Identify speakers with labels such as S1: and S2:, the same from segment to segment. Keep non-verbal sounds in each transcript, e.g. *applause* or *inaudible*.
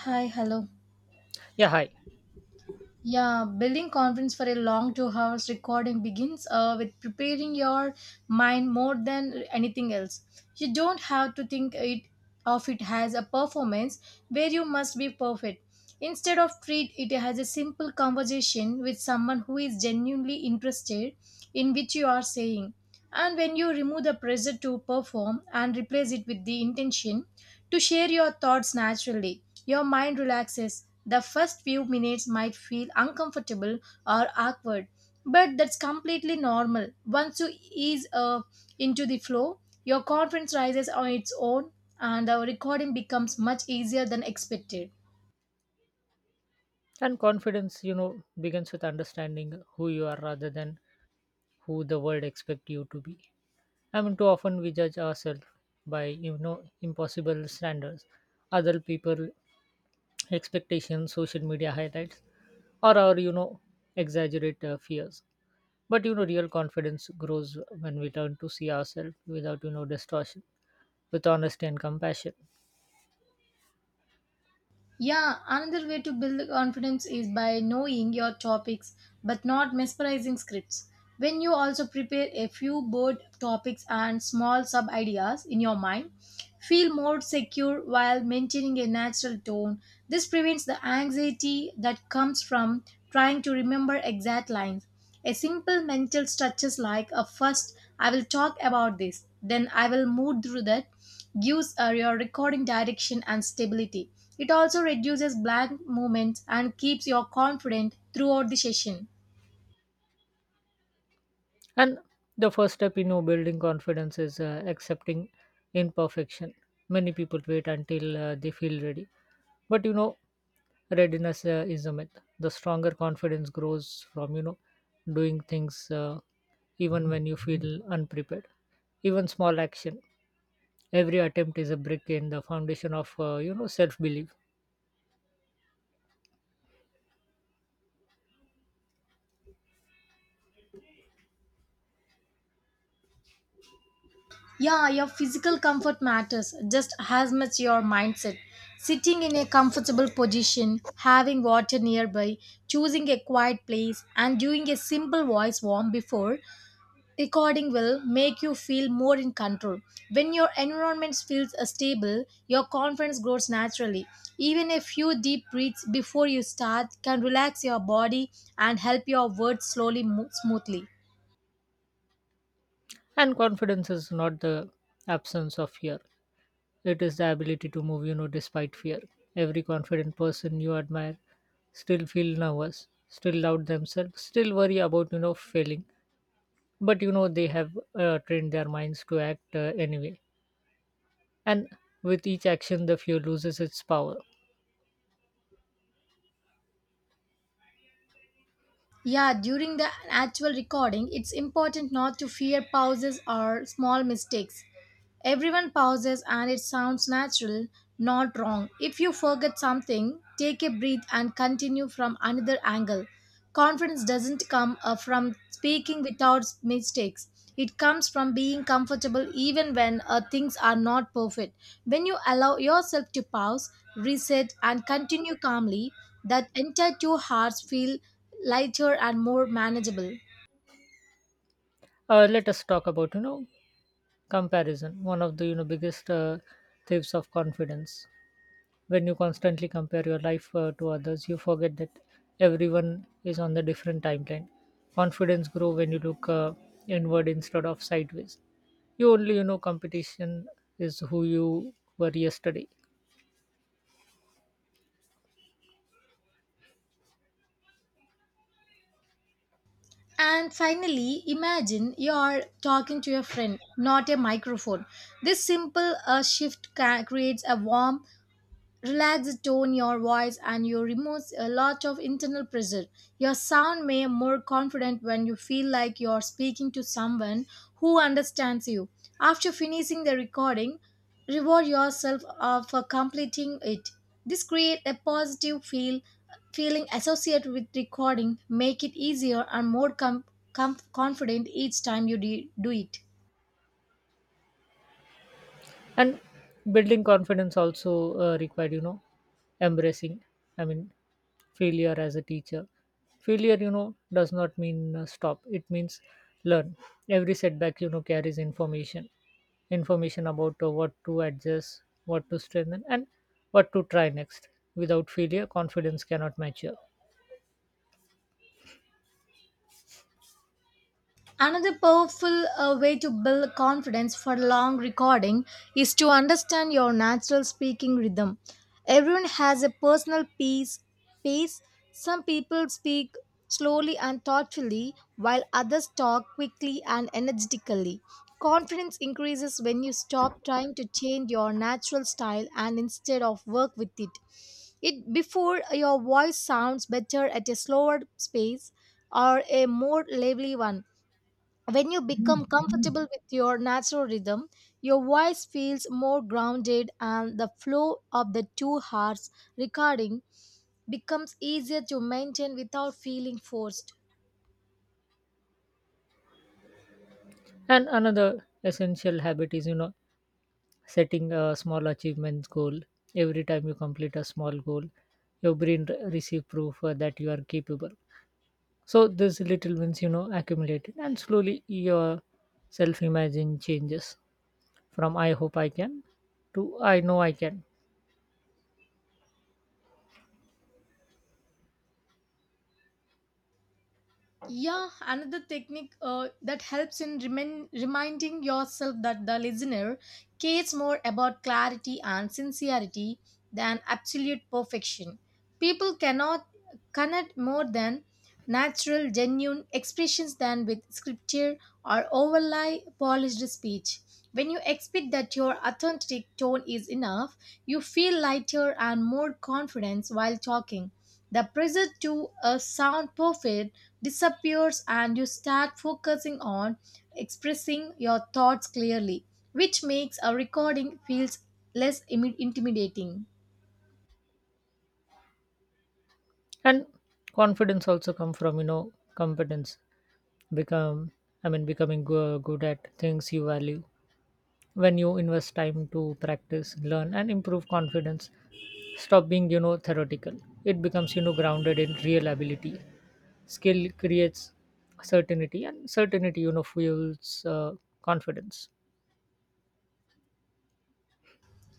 S1: Hi, hello.
S2: Yeah, hi.
S1: Yeah, building confidence for a long 2 hours recording begins with preparing your mind more than anything else. You don't have to think it of it as a performance where you must be perfect. Instead of treat it as a simple conversation with someone who is genuinely interested in which you are saying and when you remove the pressure to perform and replace it with the intention to share your thoughts naturally, your mind relaxes. The first few minutes might feel uncomfortable or awkward, but that's completely normal. Once you ease into the flow, your confidence rises on its own and the recording becomes much easier than expected.
S2: And confidence begins with understanding who you are rather than who the world expect you to be. I mean, too often we judge ourselves by impossible standards, other people expectations, social media highlights, or our exaggerate fears. But real confidence grows when we learn to see ourselves without distortion, with honesty and compassion.
S1: Yeah, another way to build confidence is by knowing your topics but not mesmerizing scripts. When you also prepare a few board topics and small sub ideas in your mind, feel more secure while maintaining a natural tone. This prevents the anxiety that comes from trying to remember exact lines. A simple mental structures like a first I will talk about this, then I will move through that gives your recording direction and stability. It also reduces blank moments and keeps you confident throughout the session.
S2: And the first step in building confidence is accepting imperfection. Many people wait until they feel ready. But readiness is a myth. The stronger confidence grows from doing things even when you feel unprepared. Even small action. Every attempt is a brick in the foundation of self belief.
S1: Yeah, your physical comfort matters just as much your mindset. Sitting in a comfortable position, having water nearby, choosing a quiet place, and doing a simple voice warm before recording will make you feel more in control. When your environment feels stable, your confidence grows naturally. Even a few deep breaths before you start can relax your body and help your words slowly move smoothly.
S2: And confidence is not the absence of fear, it is the ability to move despite fear. Every confident person you admire still feel nervous, still doubt themselves, still worry about failing. But they have trained their minds to act anyway. And with each action, the fear loses its power.
S1: Yeah, during the actual recording, it's important not to fear pauses or small mistakes. Everyone pauses and it sounds natural, not wrong. If you forget something, take a breath and continue from another angle. Confidence doesn't come from speaking without mistakes. It comes from being comfortable even when things are not perfect. When you allow yourself to pause, reset, and continue calmly, that entire 2 hours feel lighter and more manageable.
S2: Let us talk about comparison, one of the biggest thieves of confidence. When you constantly compare your life to others, you forget that everyone is on the different timeline. Confidence grow when you look inward instead of sideways. You only competition is who you were yesterday.
S1: And finally, imagine you're talking to your friend, not a microphone. This simple shift creates a warm, relax the tone your voice, and you remove a lot of internal pressure. Your sound may more confident when you feel like you're speaking to someone who understands you. After finishing the recording, reward yourself for completing it. This create a positive feeling associated with recording, make it easier and more confident each time you do it.
S2: And building confidence also required embracing. I mean, failure as a teacher. Failure does not mean stop, it means learn. Every setback carries information about what to adjust, what to strengthen, and what to try next. Without failure, confidence cannot mature.
S1: Another powerful way to build confidence for long recording is to understand your natural speaking rhythm. Everyone has a personal pace. Some people speak slowly and thoughtfully, while others talk quickly and energetically. Confidence increases when you stop trying to change your natural style and instead of work with it. It before your voice sounds better at a slower pace or a more lively one. When you become comfortable with your natural rhythm, your voice feels more grounded and the flow of the two hearts recording becomes easier to maintain without feeling forced.
S2: And another essential habit is setting a small achievement goal. Every time you complete a small goal, your brain receive proof that you are capable. So these little wins accumulated, and slowly your self-imagine changes from "I hope I can" to "I know I can,"
S1: Yeah, another technique that helps in reminding yourself that the listener cares more about clarity and sincerity than absolute perfection. People cannot connect more than natural, genuine expressions than with scripture or overly polished speech. When you expect that your authentic tone is enough, you feel lighter and more confident while talking. The pressure to a sound perfect disappears and you start focusing on expressing your thoughts clearly, which makes a recording feels less intimidating.
S2: and confidence also come from competence. Become, I mean, becoming good at things you value. When you invest time to practice, learn, and improve confidence, stop being theoretical. It becomes grounded in real ability. Skill creates certainty, and certainty fuels confidence.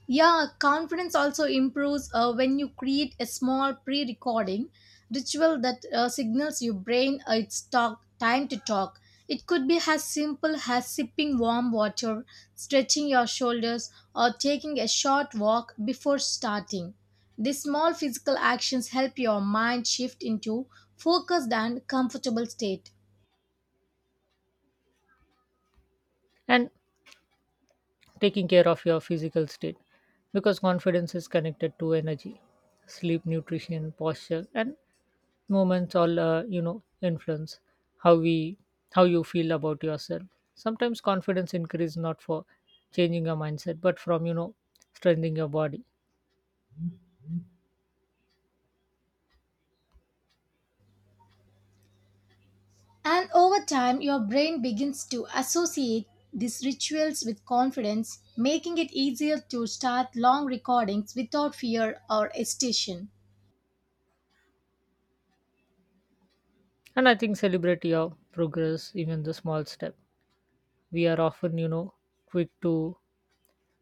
S1: Yeah, confidence also improves when you create a small pre recording ritual that signals your brain time to talk. It could be as simple as sipping warm water, stretching your shoulders, or taking a short walk before starting. These small physical actions help your mind shift into focused and comfortable state.
S2: And taking care of your physical state, because confidence is connected to energy, sleep, nutrition, posture, and movements all influence how we how you feel about yourself. Sometimes confidence increase, not for changing your mindset, but from strengthening your body.
S1: And over time, your brain begins to associate these rituals with confidence, making it easier to start long recordings without fear or hesitation.
S2: And I think celebrate your progress, even the small step. We are often quick to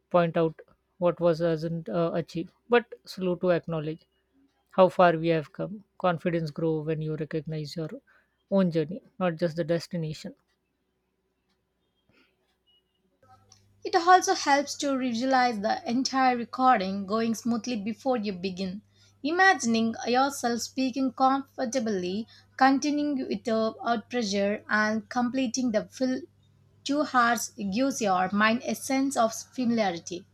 S2: point out what was hasn't achieved, but slow to acknowledge how far we have come. Confidence grow when you recognize your own journey, not just the destination.
S1: It also helps to visualize the entire recording going smoothly before you begin, imagining yourself speaking comfortably, continuing without pressure, and completing the full 2 hours gives your mind a sense of familiarity.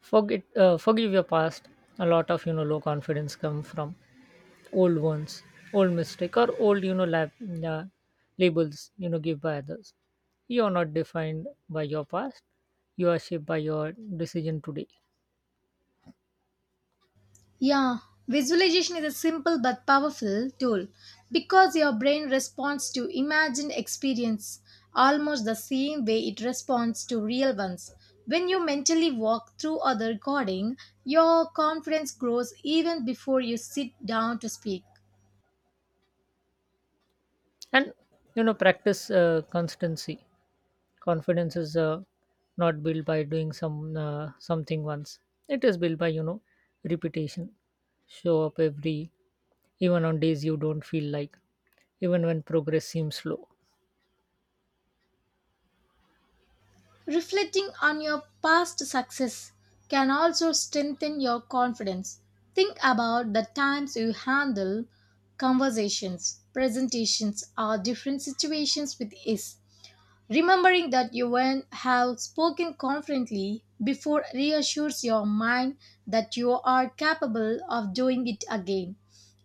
S2: Forgive your past. A lot of low confidence come from old ones, old mistake, or old uh, labels give by others. You are not defined by your past. You are shaped by your decision today.
S1: Yeah, visualization is a simple but powerful tool because your brain responds to imagined experience almost the same way it responds to real ones. When you mentally walk through a recording, your confidence grows even before you sit down to speak.
S2: And practice constancy. Confidence is not built by doing something once. It is built by repetition. Show up every, even on days you don't feel like, even when progress seems slow.
S1: Reflecting on your past success can also strengthen your confidence. Think about the times you handle conversations, presentations, or different situations with ease. Remembering that you went have spoken confidently before reassures your mind that you are capable of doing it again.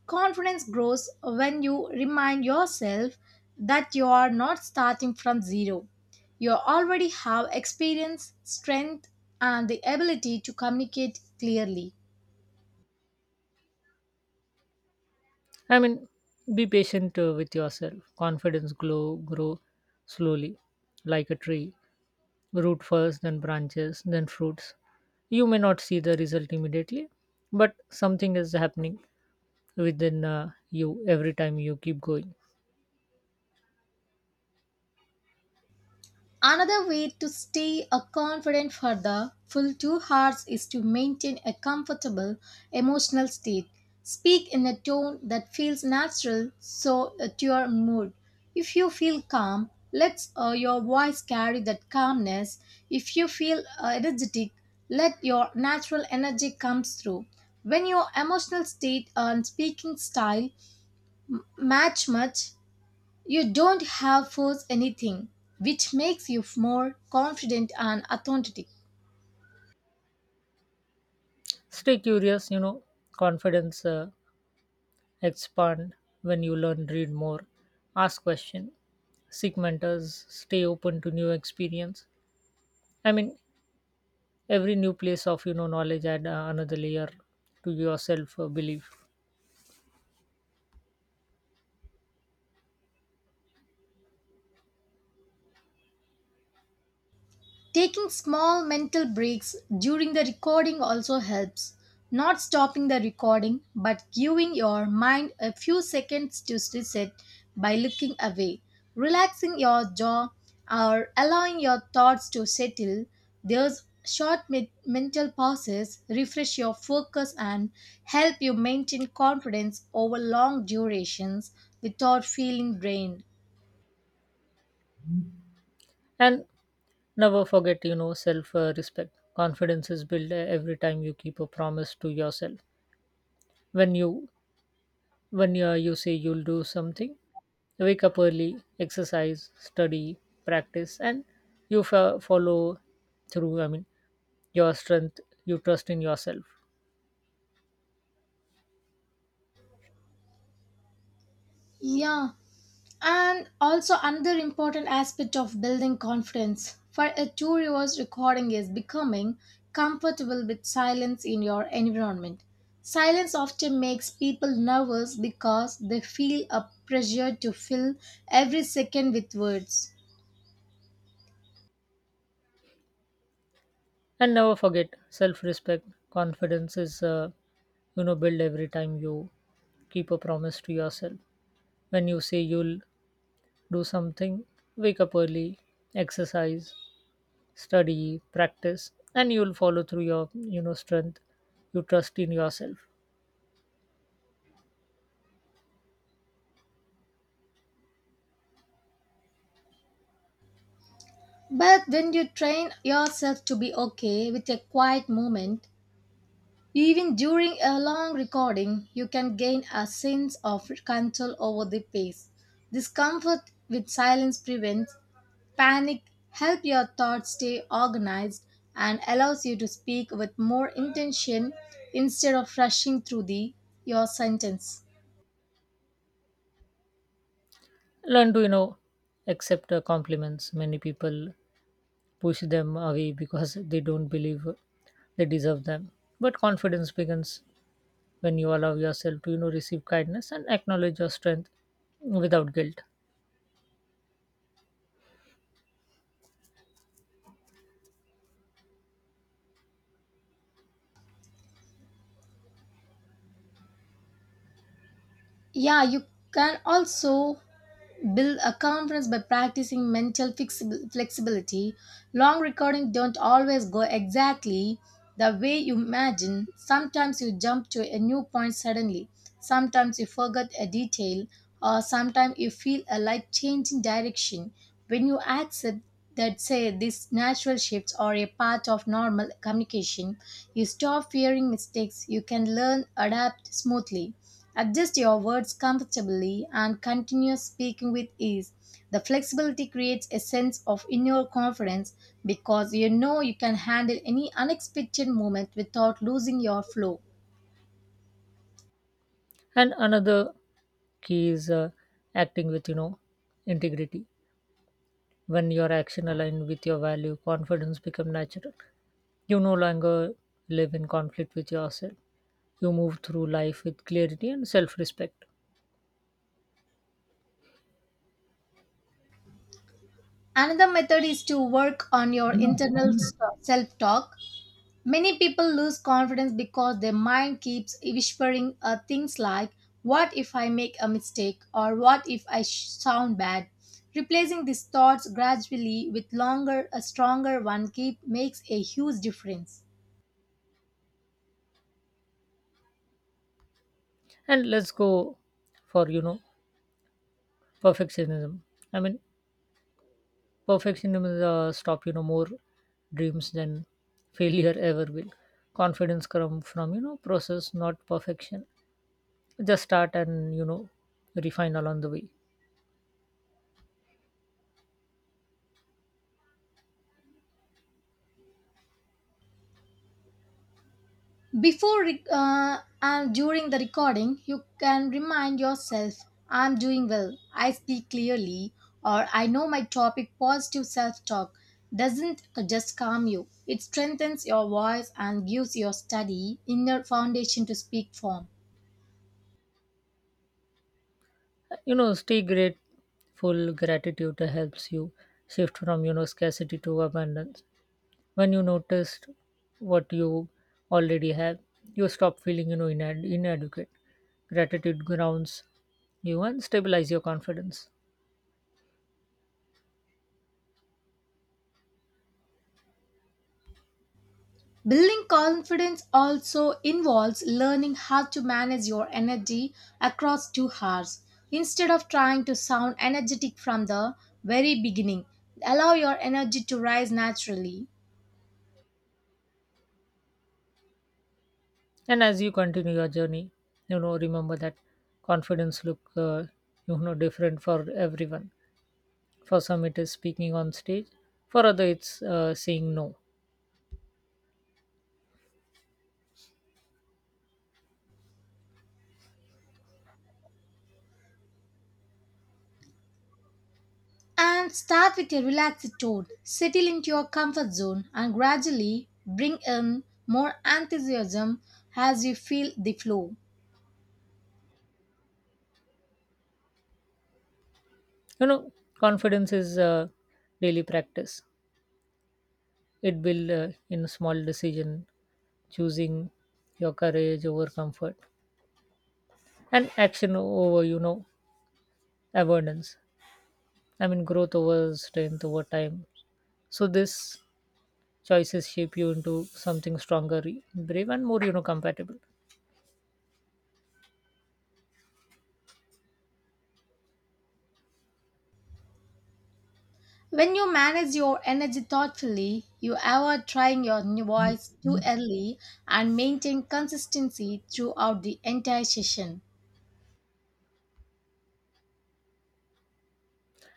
S1: Confidence grows when you remind yourself that you are not starting from zero. You already have experience, strength, and the ability to communicate clearly.
S2: I mean, be patient with yourself. Confidence grow slowly, like a tree. Root first, then branches, then fruits. You may not see the result immediately, but something is happening within you every time you keep going.
S1: Another way to stay a confident for the full 2 hours is to maintain a comfortable emotional state. Speak in a tone that feels natural so to your mood. If you feel calm, let your voice carry that calmness. If you feel energetic, let your natural energy comes through. When your emotional state and speaking style match much, you don't have force anything, which makes you more confident and authentic.
S2: Stay curious. Confidence expand when you learn, read more, ask question, seek mentors, stay open to new experience. I mean, every new place of knowledge add another layer to your self belief.
S1: Taking small mental breaks during the recording also helps. Not stopping the recording, but giving your mind a few seconds to reset by looking away, relaxing your jaw, or allowing your thoughts to settle. Those short mental pauses refresh your focus and help you maintain confidence over long durations without feeling drained.
S2: And never forget self respect. Confidence is built every time you keep a promise to yourself. when you when you say you'll do something. Wake up early, exercise, study, practice, and you follow through. I mean, your strength, you trust in yourself,
S1: Yeah, and also another important aspect of building confidence for a two reverse recording is becoming comfortable with silence in your environment. Silence often makes people nervous because they feel a pressure to fill every second with words.
S2: and never forget self-respect. Confidence is built every time you keep a promise to yourself. When you say you'll do something, wake up early, exercise, study, practice, and you'll follow through your strength. You trust in yourself.
S1: But when you train yourself to be okay with a quiet moment, even during a long recording, you can gain a sense of control over the pace. Discomfort with silence prevents panic, helps your thoughts stay organized, and allows you to speak with more intention instead of rushing through your sentence.
S2: Learn to accept compliments. Many people push them away because they don't believe they deserve them. But confidence begins when you allow yourself to receive kindness and acknowledge your strength without guilt.
S1: Yeah, you can also build a confidence by practicing mental flexibility. Long recordings don't always go exactly the way you imagine. Sometimes you jump to a new point suddenly. Sometimes you forget a detail, or sometimes you feel a light change in direction. When you accept that, say, these natural shifts are a part of normal communication, you stop fearing mistakes. You can learn, adapt smoothly. Adjust your words comfortably and continue speaking with ease. The flexibility creates a sense of inner confidence because you know you can handle any unexpected moment without losing your flow.
S2: And another key is acting with integrity. When your action align with your value, confidence become natural. You no longer live in conflict with yourself. You move through life with clarity and self-respect.
S1: Another method is to work on your internal self talk. Many people lose confidence because their mind keeps whispering things like, what if I make a mistake? Or what if I sound bad? Replacing these thoughts gradually with longer, a stronger one keep makes a huge difference.
S2: And let's go for perfectionism. I mean, Perfectionism is stop more dreams than failure ever will. Confidence come from process, not perfection. Just start and refine along the way.
S1: Before and during the recording, you can remind yourself I'm doing well, I speak clearly, or I know my topic. Positive self talk doesn't just calm you, it strengthens your voice and gives your study inner foundation to speak from.
S2: Stay grateful. Gratitude helps you shift from scarcity to abundance. When you notice what you already have, you stop feeling inadequate. Gratitude grounds you and stabilize your confidence.
S1: Building confidence also involves learning how to manage your energy across 2 hours. Instead of trying to sound energetic from the very beginning, allow your energy to rise naturally
S2: And as you continue your journey, remember that confidence look different for everyone. For some, it is speaking on stage. For other, it's saying no.
S1: and start with a relaxed tone. Settle into your comfort zone and gradually bring in more enthusiasm as you feel the flow.
S2: You know, confidence is daily practice. It build in small decision, choosing your courage over comfort, and action over avoidance. I mean, growth over strength over time. So this choices shape you into something stronger, brave, and more compatible.
S1: When you manage your energy thoughtfully, you avoid trying your new voice too early and maintain consistency throughout the entire session.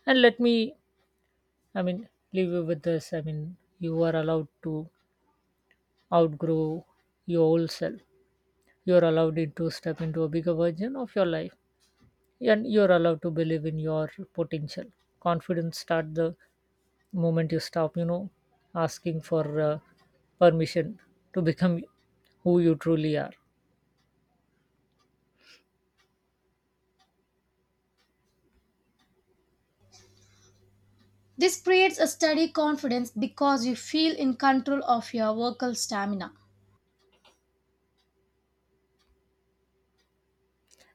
S2: And I mean, leave you with this. I mean, you are allowed to outgrow your old self. You are allowed to step into a bigger version of your life, and you are allowed to believe in your potential. Confidence start the moment you stop asking for permission to become who you truly are.
S1: This creates a steady confidence because you feel in control of your vocal stamina.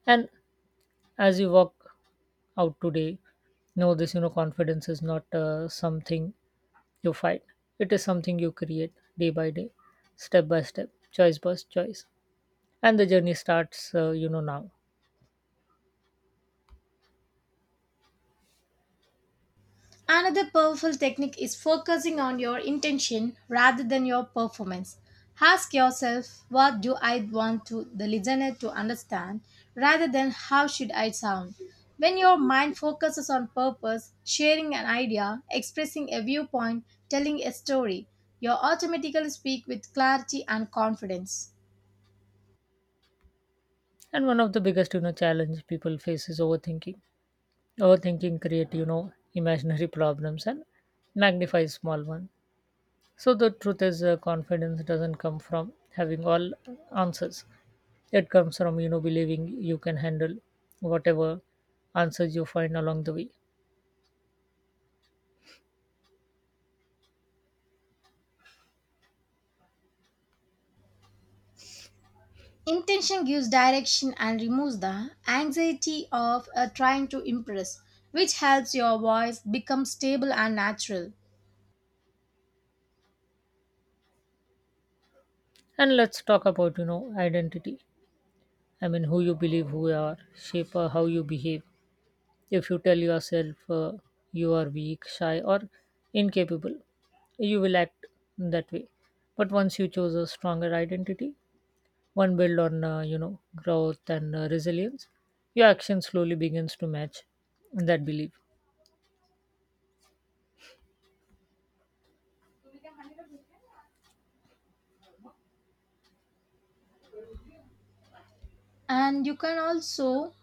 S2: And as you walk out today, no, this confidence is not something you fight. It is something you create, day by day, step by step, choice by choice. And the journey starts now.
S1: Another powerful technique is focusing on your intention rather than your performance. Ask yourself, what do I want to the listener to understand rather than how should I sound? When your mind focuses on purpose, sharing an idea, expressing a viewpoint, telling a story, you automatically speak with clarity and confidence.
S2: And one of the biggest challenge people face is overthinking. Overthinking create *laughs* imaginary problems and magnify small one. So the truth is confidence doesn't come from having all answers. It comes from believing you can handle whatever answers you find along the way.
S1: Intention gives direction and removes the anxiety of trying to impress, which helps your voice become stable and natural.
S2: And let's talk about identity. I mean, who you believe who you are, shape how you behave. If you tell yourself you are weak, shy, or incapable, you will act that way. But once you choose a stronger identity, one built on growth and resilience, your action slowly begins to match that belief.
S1: And you can also,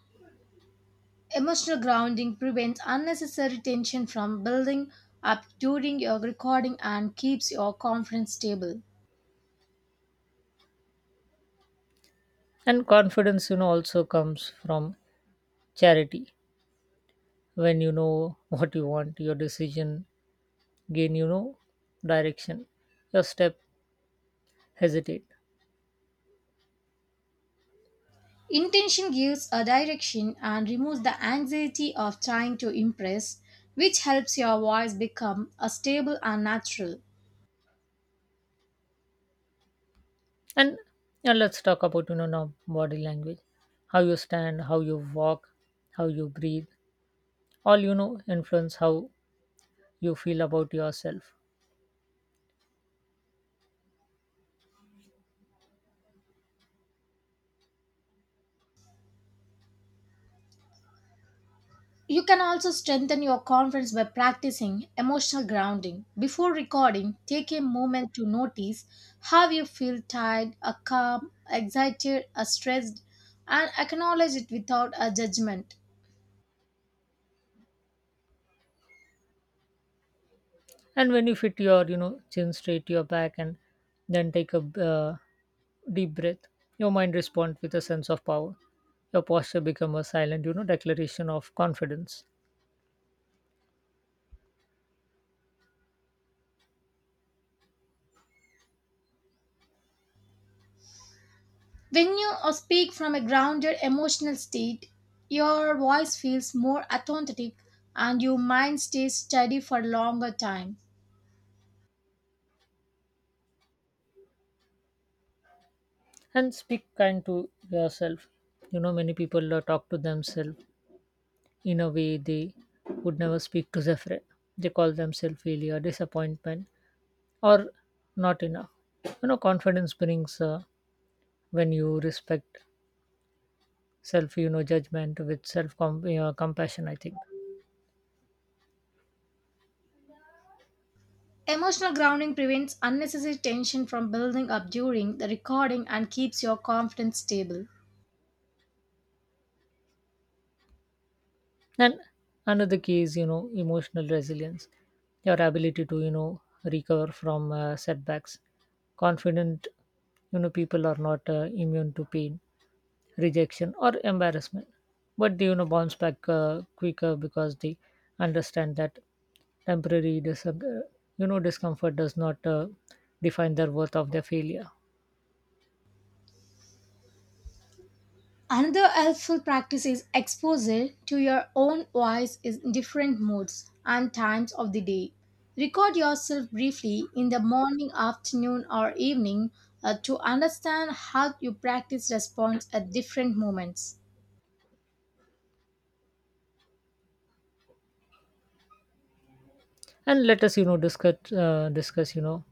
S1: emotional grounding prevents unnecessary tension from building up during your recording and keeps your confidence stable.
S2: And confidence also comes from charity. When you know *laughs* what you want, your decision gain direction, your step hesitate.
S1: Intention gives a direction and removes the anxiety of trying to impress, which helps your voice become a stable and natural.
S2: And yeah, let's talk about now body language. How you stand, how you walk, how you breathe all influence how you feel about yourself.
S1: You can also strengthen your confidence by practicing emotional grounding. Before recording, take a moment to notice how you feel tired, calm, excited, stressed, and acknowledge it without a judgment.
S2: And when you fit your chin straight to your back and then take a uh, deep breath, your mind responds with a sense of power. Your posture becomes a silent declaration of confidence.
S1: When you speak from a grounded emotional state, your voice feels more authentic and your mind stays steady for longer time.
S2: And speak kind to yourself. Many people talk to themselves in a way they would never speak to Zephyr. They call themselves failure, disappointment, or not enough. Confidence brings when you respect self judgment with self compassion, I think.
S1: Emotional grounding prevents unnecessary tension from building up during the recording and keeps your confidence stable.
S2: And another key is emotional resilience, your ability to recover from setbacks. Confident people are not immune to pain, rejection, or embarrassment, but they bounce back quicker because they understand that temporary discomfort does not define their worth of their failure.
S1: Another helpful practice is exposure to your own voice in different moods and times of the day. Record yourself briefly in the morning, afternoon, or evening to understand how your practice responds at different moments.
S2: And let us discuss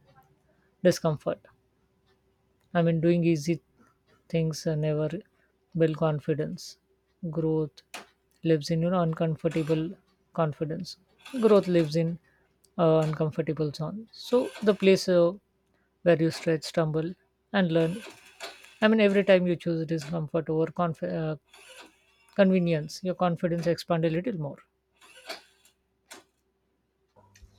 S2: discomfort. I mean, doing easy things never build confidence. Growth lives in uncomfortable confidence. Growth lives in uncomfortable zone. So the place where you stretch, stumble, and learn. I mean, every time you choose discomfort over convenience, your confidence expand a little more.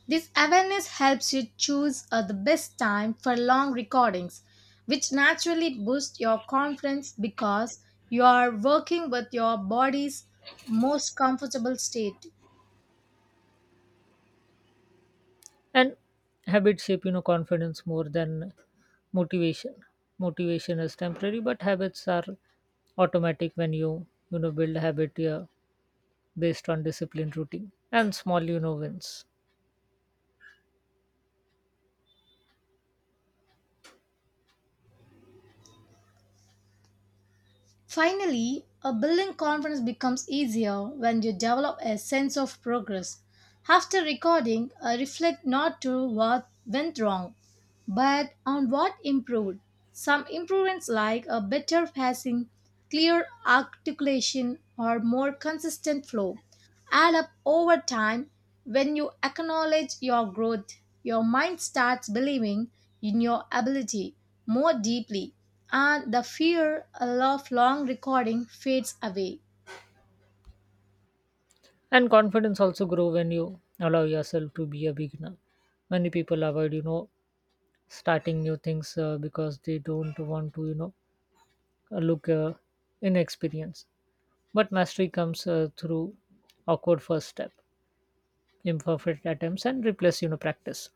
S1: This awareness helps you choose the best time for long recordings, which naturally boosts your confidence because you are working with your body's most comfortable state.
S2: And habits shape confidence more than motivation. Motivation is temporary, but habits are automatic. When you know build a habit, yeah, based on disciplined routine and small wins.
S1: Finally, a building confidence becomes easier when you develop a sense of progress. After recording, I reflect not to what went wrong but on what improved? Some improvements like a better passing, clear articulation, or more consistent flow add up over time. When you acknowledge your growth, your mind starts believing in your ability more deeply, and the fear of long recording fades away.
S2: And confidence also grow when you allow yourself to be a beginner. Many people avoid starting new things because they don't want to look inexperienced. But mastery comes through awkward first step, imperfect attempts, and replace practice.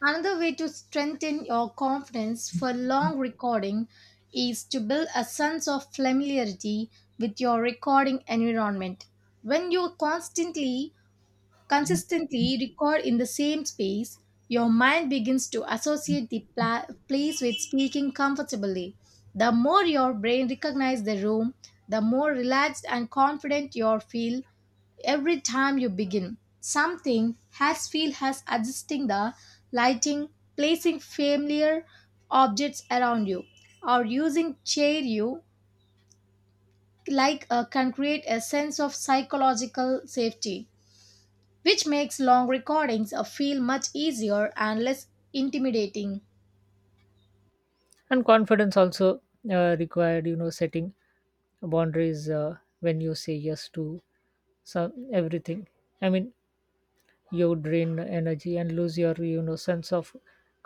S1: Another way to strengthen your confidence for long recording is to build a sense of familiarity with your recording environment. When you consistently record in the same space, your mind begins to associate the place with speaking comfortably. The more your brain recognizes the room, the more relaxed and confident you feel. Every time you begin, something has feel has adjusting the lighting, placing familiar objects around you, or using chair you like can create a sense of psychological safety, which makes long recordings feel much easier and less intimidating.
S2: And confidence also required setting boundaries when you say yes to some everything. I mean, you drain energy and lose your sense of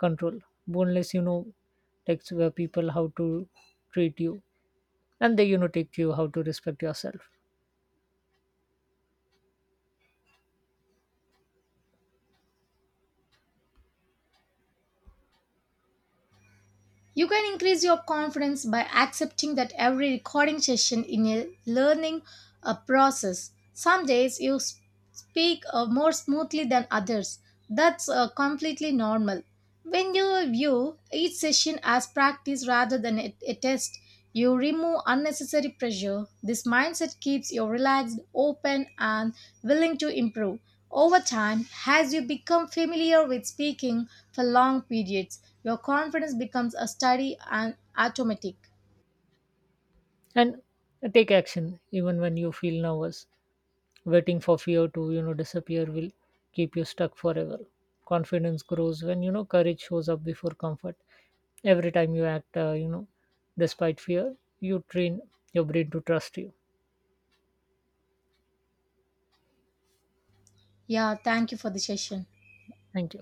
S2: control. Boneless takes where people how to treat you, and they take you how to respect yourself.
S1: You can increase your confidence by accepting that every recording session in a learning a process. Some days you speak more smoothly than others. That's completely normal. When you view each session as practice rather than a test, you remove unnecessary pressure. This mindset keeps you relaxed, open, and willing to improve. Over time, as you become familiar with speaking for long periods, your confidence becomes a steady and automatic.
S2: And take action even when you feel nervous. Waiting for fear to disappear will keep you stuck forever. Confidence grows when you know courage shows up before comfort. Every time you act despite fear, you train your brain to trust you.
S1: Yeah, thank you for the session.
S2: Thank you.